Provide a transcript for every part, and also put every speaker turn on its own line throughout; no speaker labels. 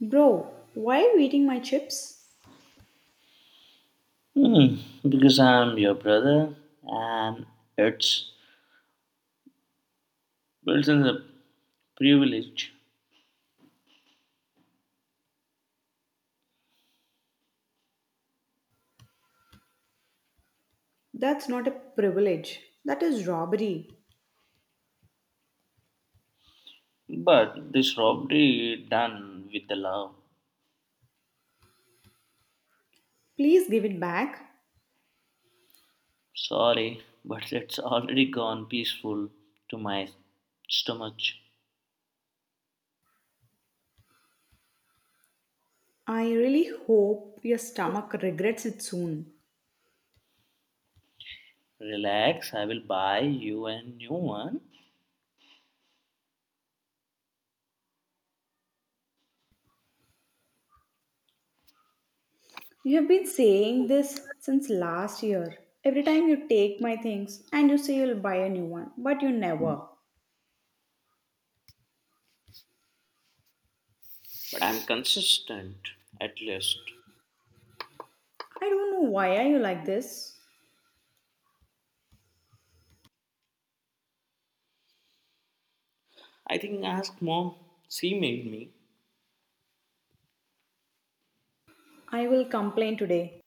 Bro, why are you eating my chips?
Hmm, because I'm your brother and it's built in the privilege.
That's not a privilege. That is robbery.
But this robbery done with the love.
Please give it back.
Sorry, but it's already gone peaceful to my stomach.
I really hope your stomach regrets it soon.
Relax, I will buy you a new one.
You have been saying this since last year. Every time you take my things and you say you'll buy a new one, but you never.
But I'm consistent, at least.
I don't know why are you like this.
I think ask mom. She made me.
I will complain today.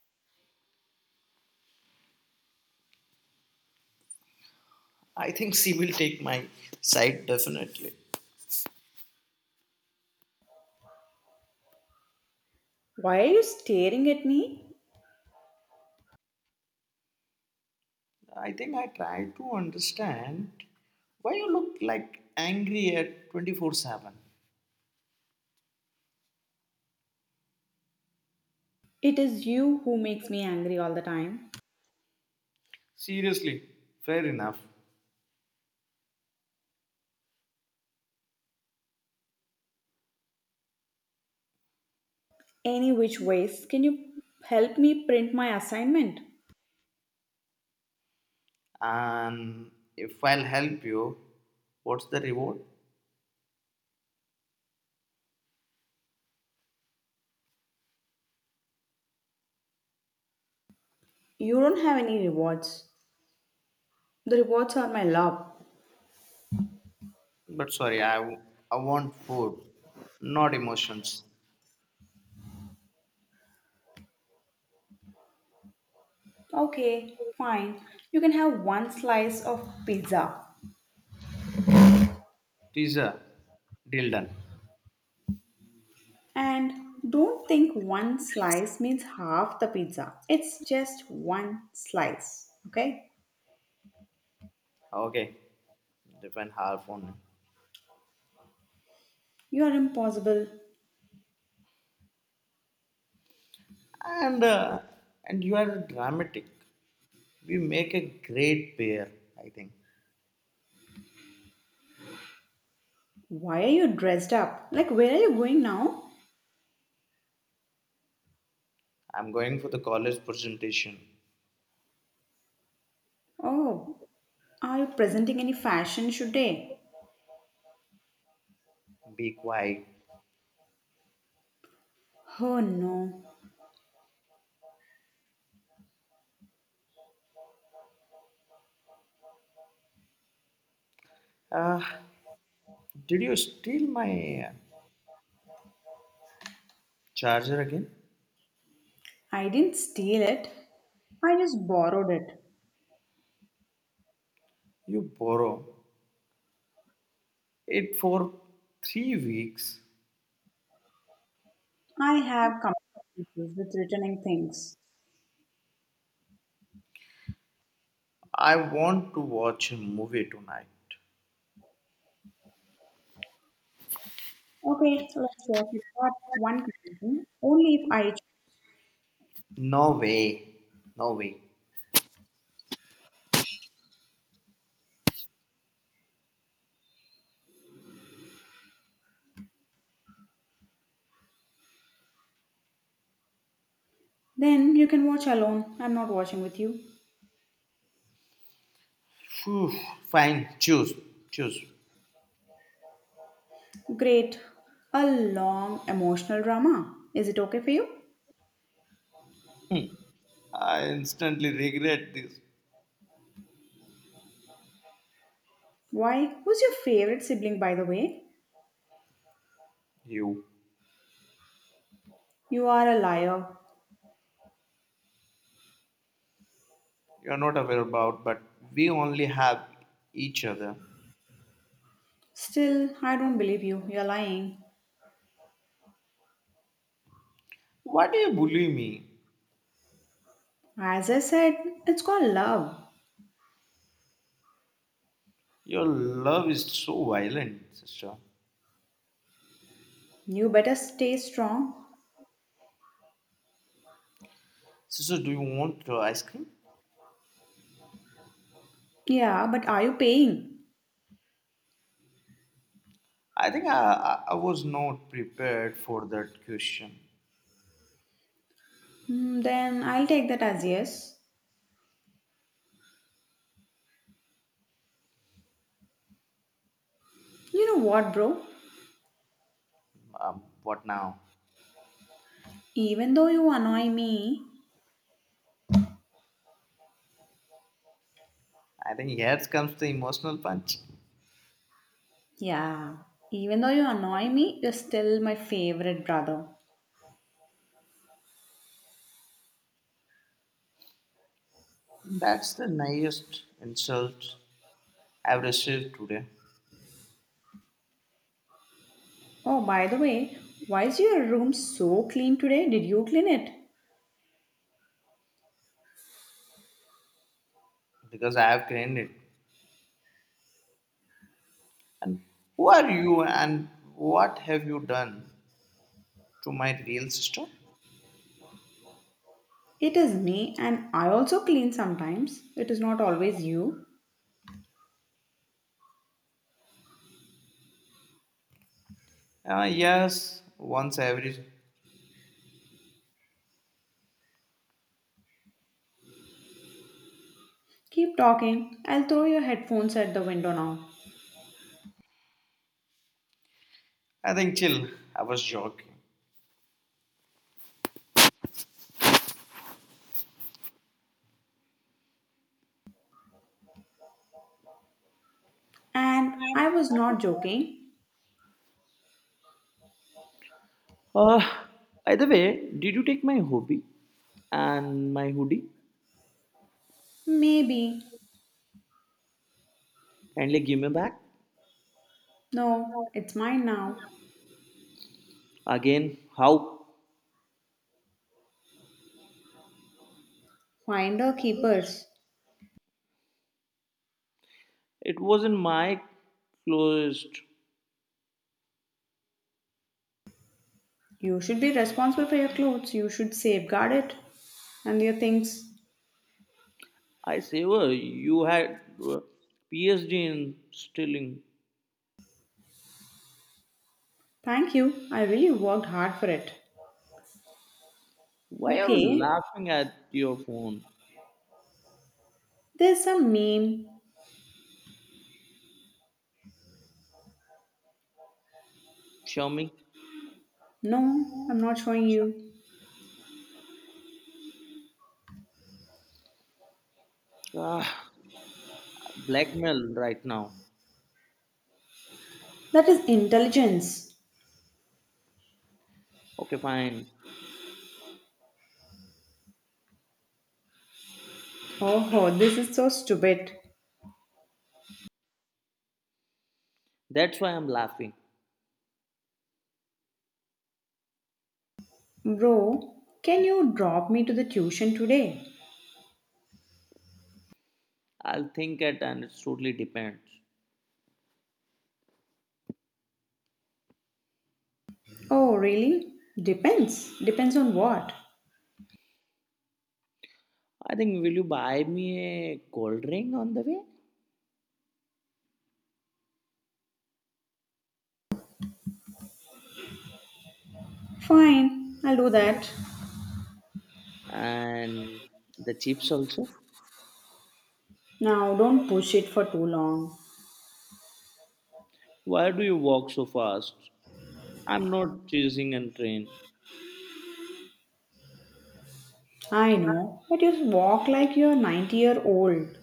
I think she will take my side definitely.
Why are you staring at me?
I think I try to understand why you look like angry at 24/7.
It is you who makes me angry all the time.
Seriously, fair enough.
Any which ways, can you help me print my assignment?
And if I'll help you, what's the reward?
You don't have any rewards. The rewards are my love.
But sorry, I want food, not emotions.
Okay, fine. You can have one slice of pizza.
Teaser, deal done.
And don't think one slice means half the pizza. It's just one slice, okay?
Okay, depend half on it.
You are impossible.
And uh, and you are dramatic. We make a great pair, I think.
Why are you dressed up? Like, where are you going now?
I'm going for the college presentation.
Oh, are you presenting any fashion today?
Be quiet.
Oh no.
Uh, did you steal my charger again?
I didn't steal it. I just borrowed it.
You borrow it for 3 weeks.
I have commitment issues with returning things.
I want to watch a movie tonight.
Okay, let's work it out. One condition. Only if I choose.
No way. No way.
Then you can watch alone. I'm not watching with you.
Phew, fine. Choose. Choose.
Great. A long emotional drama. Is it okay for you?
Hmm. I instantly regret this.
Why? Who's your favorite sibling, by the way?
You.
You are a liar.
You're not aware about, but we only have each other.
Still, I don't believe you. You're lying.
Why do you bully me?
As I said, it's called love.
Your love is so violent, sister.
You better stay strong.
Sister, do you want ice cream?
Yeah, but are you paying?
I think I was not prepared for that question.
Hmm, then I'll take that as yes. You know what, bro?
What now?
Even though you annoy me,
I think here comes the emotional punch.
yeah, even though you annoy me, you're still my favorite brother.
That's the newest insult I've received today
Oh, by the way, why is your room so clean today? Did you clean it?
because I have claimed it. And who are you and what have you done to my real sister?
It is me, and I also clean sometimes. It is not always you.
Yes, once every.
Keep talking. I'll throw your headphones at the window now.
I think chill. I was joking.
And I was not joking.
Uh, by the way, did you take my hobby and my hoodie?
Maybe.
Kindly give me back.
No, it's mine now.
Again, how?
Finder keepers.
It wasn't my closest.
You should be responsible for your clothes. You should safeguard it and your things.
I savor you had PhD in stealing.
Thank you. I really worked hard for it.
Why are you
Okay,
laughing at your phone?
there's some meme.
Show me.
No, I'm not showing you.
Ah, blackmail right now.
That is intelligence.
Okay, fine.
Oh, this is so stupid.
That's why I'm laughing.
Bro, can you drop me to the tuition today?
I'll think it and it totally depends.
Oh, really? Depends. Depends on what?
I think will you buy me a cold drink on the way?
Fine, I'll do that.
And the chips also?
Now, don't push it for too long.
Why do you walk so fast? I'm not chasing a train.
I know, but you walk like you're 90-year-old.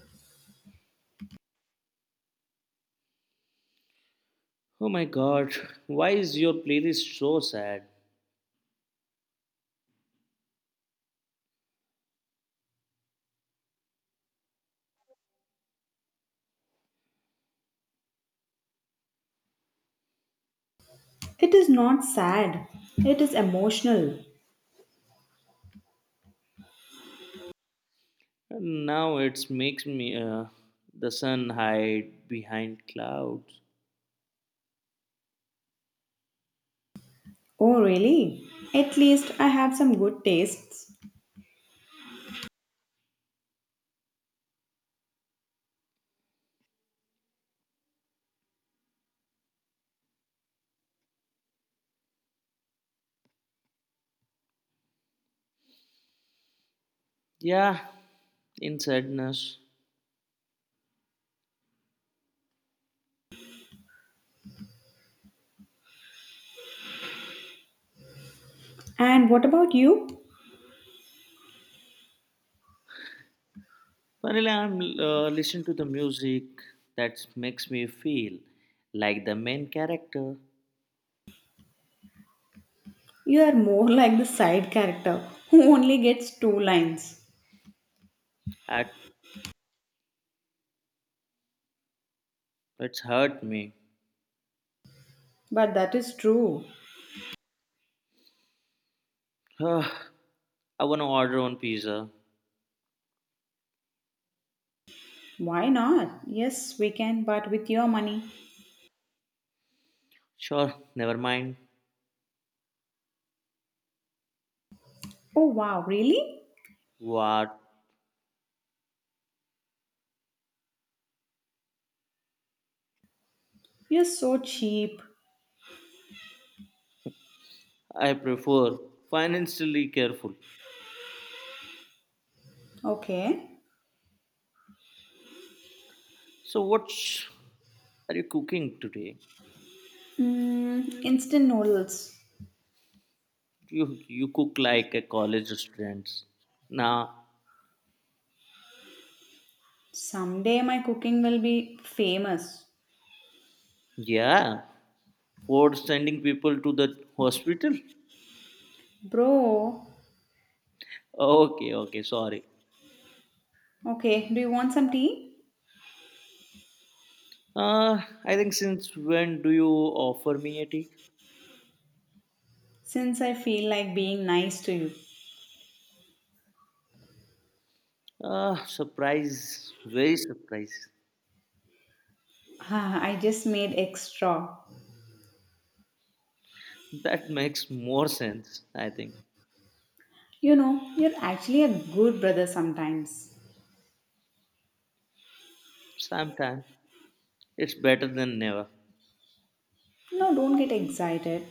Oh my god, why is your playlist so sad?
It is not sad, it is emotional.
And now it makes me the sun hide behind clouds.
Oh, really? At least I have some good tastes.
Yeah, in sadness.
And what about you?
Finally, I'm listening to the music that makes me feel like the main character.
You are more like the side character who only gets two lines.
That it's hurt me.
But that is true.
Ugh, I wanna order one pizza.
Why not? Yes, we can, but with your money.
Sure, never mind.
Oh, wow, really?
What?
You're so cheap.
I prefer financially careful.
Okay.
So what's are you cooking today?
Mm, instant noodles.
You cook like a college students. Now,
Someday my cooking will be famous.
yeah, for sending people to the hospital.
Bro,
Okay, okay, sorry.
okay, do you want some tea?
I think since when do you offer me a tea?
Since I feel like being nice to you,
Surprise, very surprise.
ah, I just made extra.
That makes more sense, I think.
You know, you're actually a good brother sometimes.
Sometimes it's better than never.
No, don't get excited.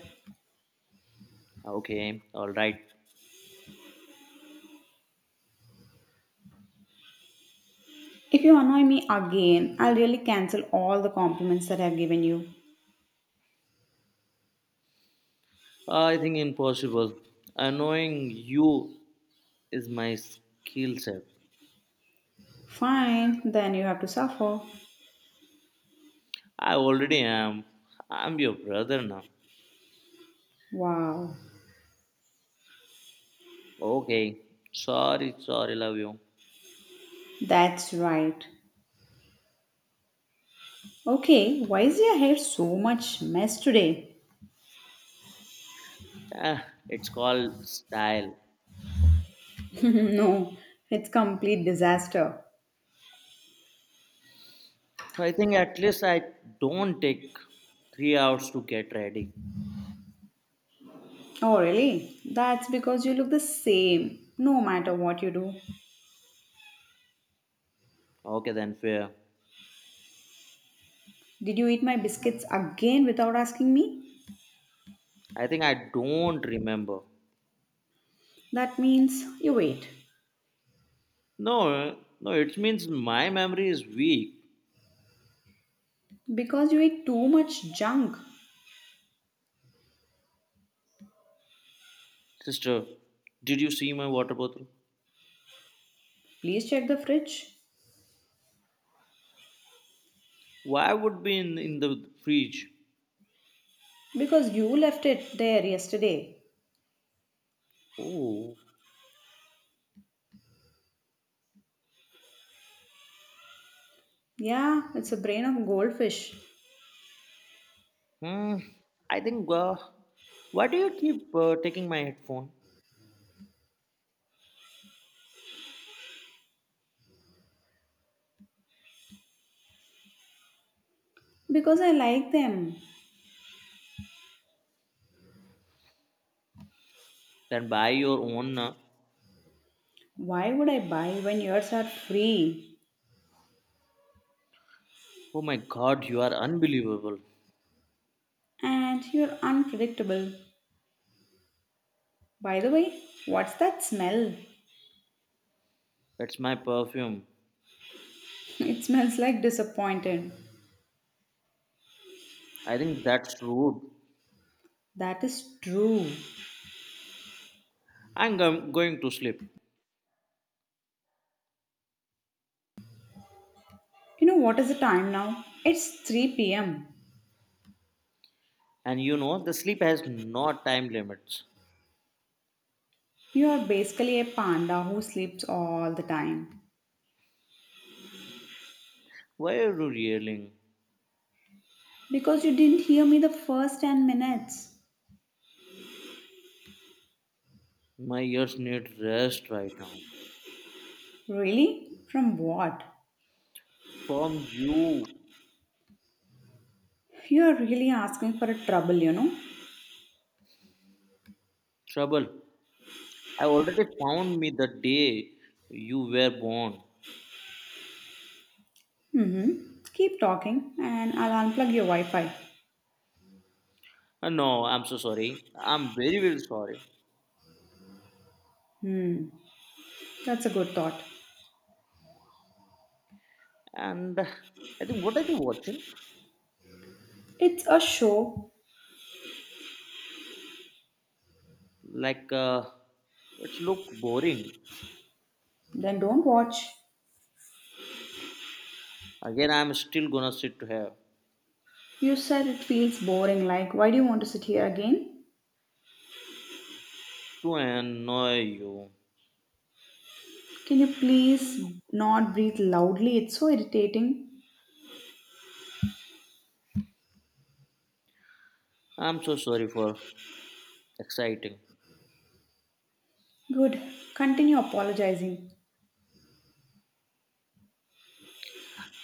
Okay, all right.
If you annoy me again, I'll really cancel all the compliments that I've given you.
I think impossible. Annoying you is my skill set.
Fine, then you have to suffer.
I already am. I'm your brother now.
Wow,
Okay. Sorry, sorry, love you.
that's right. Okay, why is your hair so much mess today?
Ah, it's called style.
No, it's complete disaster.
I think at least I don't take 3 hours to get ready.
Oh, really? That's because you look the same no matter what you do.
Okay, then fair.
Did you eat my biscuits again without asking me?
I think I don't remember.
That means you ate.
No, no, it means my memory is weak.
Because you ate too much junk.
Sister, did you see my water bottle?
Please check the fridge.
Why would be in the fridge?
Because you left it there yesterday.
Oh,
Yeah, it's a brain of goldfish.
hmm. I think. Why do you keep taking my headphone?
Because I like them.
Then buy your own. Uh,
Why would I buy when yours are free?
oh my god, you are unbelievable.
And you're unpredictable. By the way, what's that smell?
That's my perfume.
It smells like disappointed.
I think that's rude.
That is true.
Going to sleep.
You know what is the time now? It's 3 pm.
And you know, the sleep has no time limits.
You are basically a panda who sleeps all the time.
Why are you yelling?
Because you didn't hear me the first 10 minutes.
My ears need rest right now.
Really? From what?
From you.
You are really asking for a trouble, you know?
Trouble. I already found me the day you were born.
Mm-hmm. Keep talking and I'll unplug your Wi Fi.
No, I'm so sorry. I'm very, very sorry.
Hmm, that's a good thought.
And I think, what are you watching?
It's a show.
Like, it's look boring.
Then don't watch.
Again, I'm still gonna sit here
You said it feels boring. Like, why do you want to sit here again?
to annoy you.
Can you please not breathe loudly? It's so irritating.
I'm so sorry for exciting.
Good. Continue apologizing.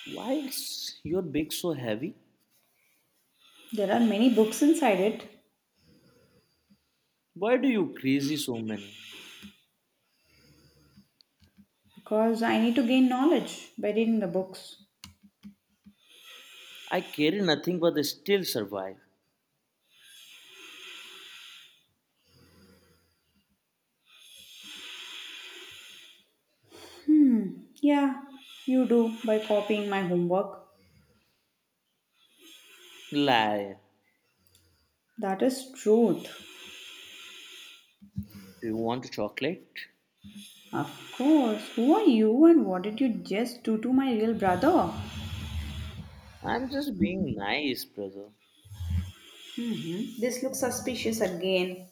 Why is your bag so heavy?
There are many books inside it
Why do you crazy so many?
because I need to gain knowledge by reading the books.
I carry nothing but I still survive.
Hmm, yeah, you do by copying my homework.
Lie.
That is truth.
Do you want chocolate?
Of course. Who are you and what did you just do to my real brother?
I'm just being nice, brother.
Hmm, this looks suspicious again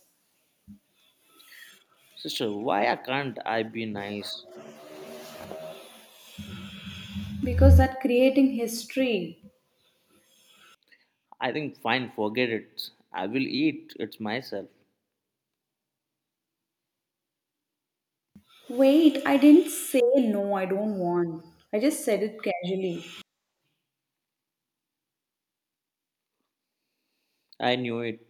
Sister, why I can't I be nice?
because that creating history.
I think fine, forget it. I will eat it myself.
Wait, I didn't say no, I don't want. I just said it casually.
I knew it.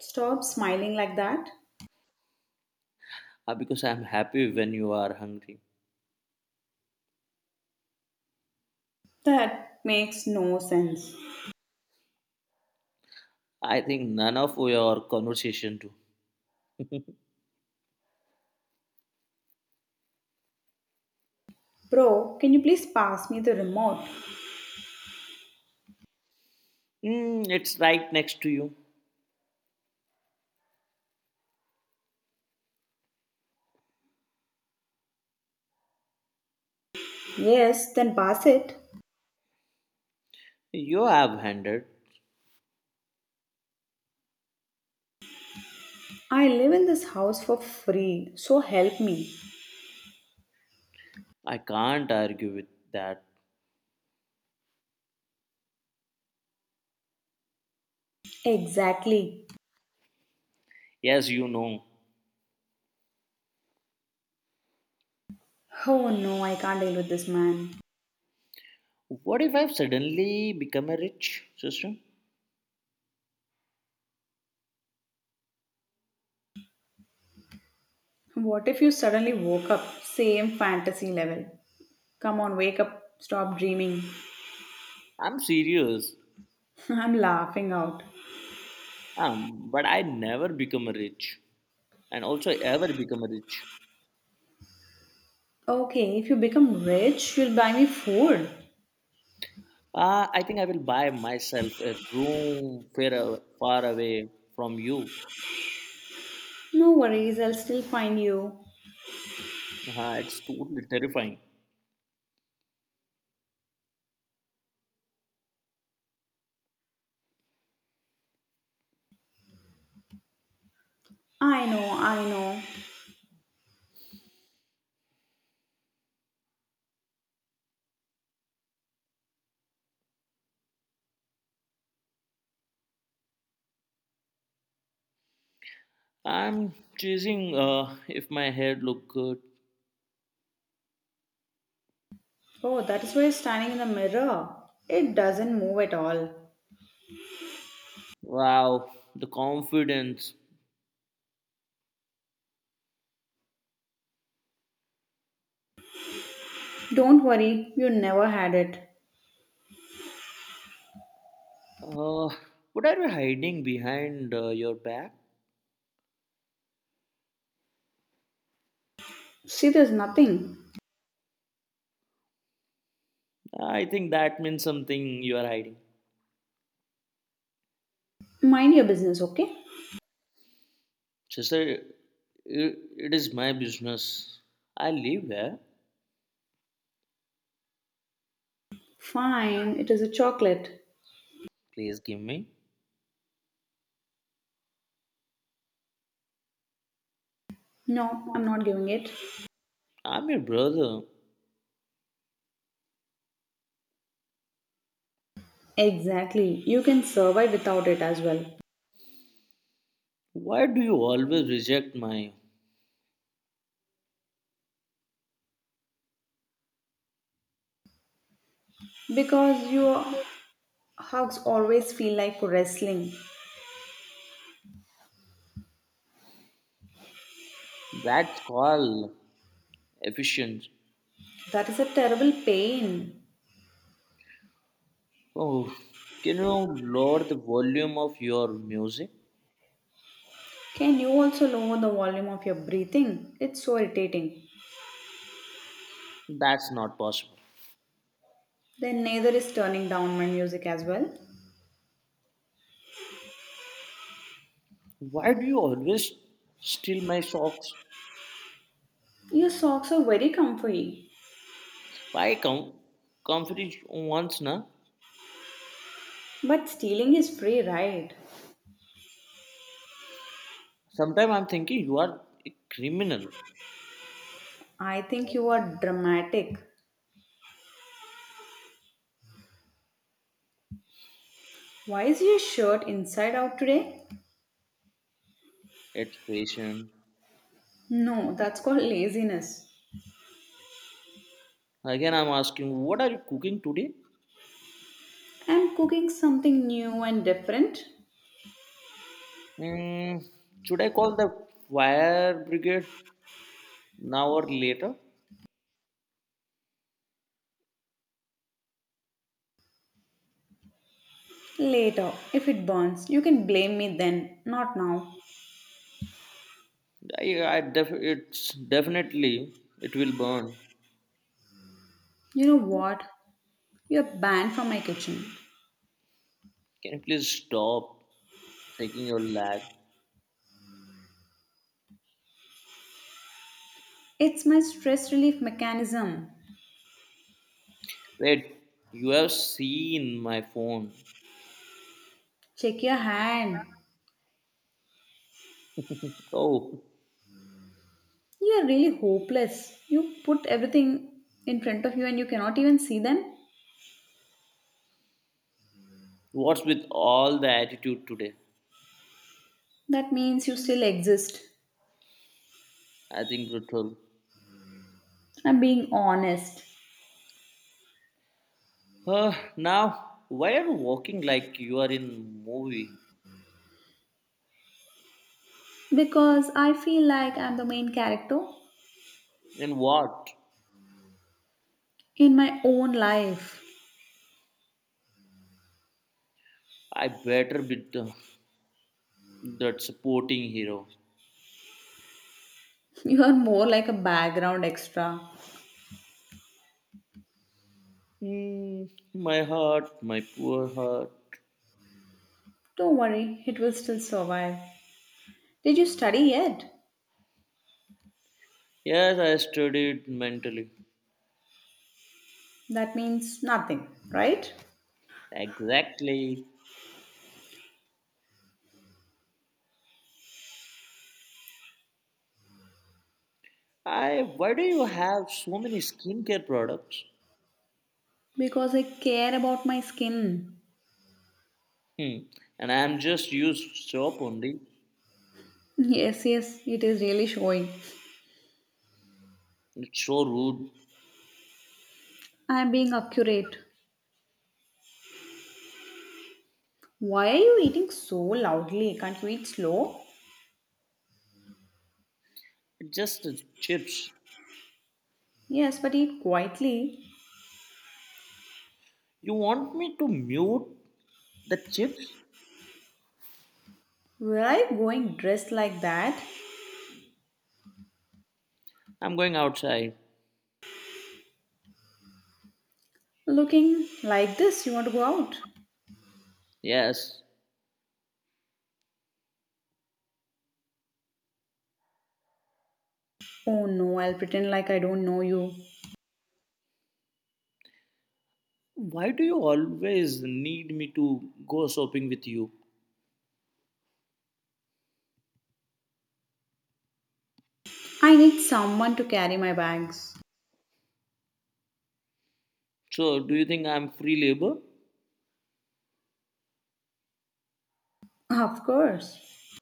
Stop smiling like that.
Ah, because I'm happy when you are hungry.
That makes no sense.
I think none of your conversation to.
Bro, can you please pass me the remote?
Mm, it's right next to you.
Yes, then pass it.
You have handed.
I live in this house for free, so help me.
I can't argue with that.
Exactly.
Yes, you know.
Oh no, I can't deal with this man.
What if I've suddenly become a rich sister?
What if you suddenly woke up? Same fantasy level. Come on, wake up. Stop dreaming.
I'm serious.
I'm laughing out.
But I never become a rich. And also ever become a rich.
Okay, if you become rich, you'll buy me food.
I think I will buy myself a room far away from you.
No worries, I'll still find you.
It's totally terrifying.
I know, I know.
I'm chasing if my hair look good.
Oh, that is why you're standing in the mirror. It doesn't move at all.
Wow, the confidence.
Don't worry, you never had it.
Uh, what are you hiding behind your back?
See, there's nothing.
I think that means something you are hiding.
Mind your business, okay?
Sister, it is my business. I live here.
Fine, it is a chocolate.
Please give me.
No, I'm not giving it.
I'm your brother.
Exactly, you can survive without it as well.
Why do you always reject my?
Because your hugs always feel like wrestling.
That's called efficient.
That is a terrible pain.
Oh, can you lower the volume of your music?
Can you also lower the volume of your breathing? It's so irritating.
That's not possible.
Then neither is turning down my music as well.
Why do you always steal my socks?
Your socks are very comfy.
Why come? Comfort is once, na?
But stealing is free, right?
Sometimes I'm thinking you are a criminal
I think you are dramatic. Why is your shirt inside out today?
at fashion.
No, that's called laziness.
Again, I'm asking, what are you cooking today?
I'm cooking something new and different.
Mm, should I call the fire brigade now or later?
Later, if it burns, you can blame me then, not now.
It's definitely it will burn.
You know what? You're banned from my kitchen.
Can you please stop taking your lag?
It's my stress relief mechanism.
Wait, you have seen my phone.
Check your hand.
Oh,
You are really hopeless. You put everything in front of you and you cannot even see them.
what's with all the attitude today?
That means you still exist.
I think brutal.
I'm being honest.
Now, why are you walking like you are in movie?
Because I feel like I'm the main character
And what?
in my own life.
I better be that supporting hero.
You are more like a background extra.
Hmm, my heart, my poor heart.
Don't worry, it will still survive. Did you study yet?
Yes, I studied mentally.
That means nothing, right?
Exactly. I. Why do you have so many skincare products?
Because I care about my skin.
Hmm. And I am just used soap only.
Yes, yes, it is really showing.
It's so rude.
I am being accurate. Why are you eating so loudly? Can't you eat slow?
It's just chips.
Yes, but eat quietly.
You want me to mute the chips?
Were I going dressed like that?
I'm going outside.
Looking like this, you want to go out?
Yes.
Oh no, I'll pretend like I don't know you.
Why do you always need me to go shopping with you?
I need someone to carry my bags.
So, do you think I'm free labor?
Of course.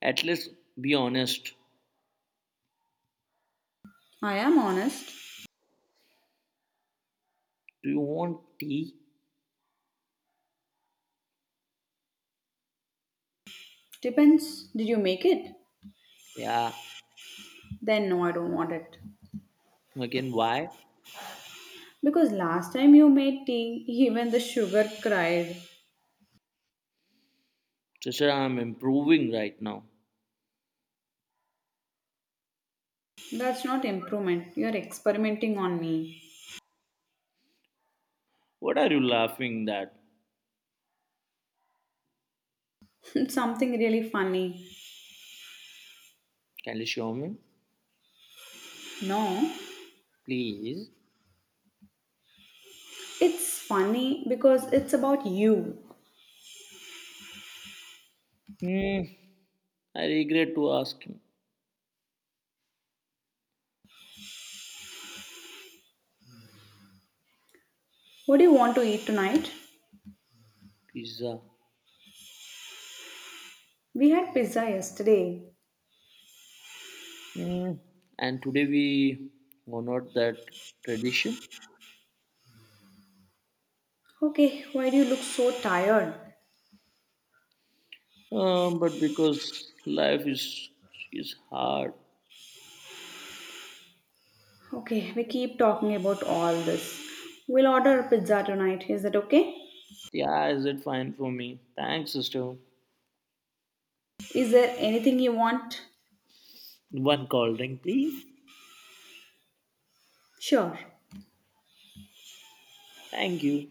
At least be honest.
I am honest.
Do you want tea?
Depends. Did you make it?
Yeah.
Then no, I don't want it.
Again, why?
Because last time you made tea, even the sugar cried.
Sister, I'm improving right now.
That's not improvement. You're experimenting on me.
What are you laughing at?
Something really funny.
Can you show me?
No,
Please.
it's funny because it's about you.
Hmm. I regret to ask him.
What do you want to eat tonight?
Pizza.
We had pizza yesterday.
Hmm. And today we honored that tradition.
Okay, why do you look so tired?
But because life is hard.
Okay, we keep talking about all this. We'll order a pizza tonight. Is that okay?
Yeah, is it fine for me? Thanks, sister.
Is there anything you want?
One cold drink, please.
Sure.
Thank you.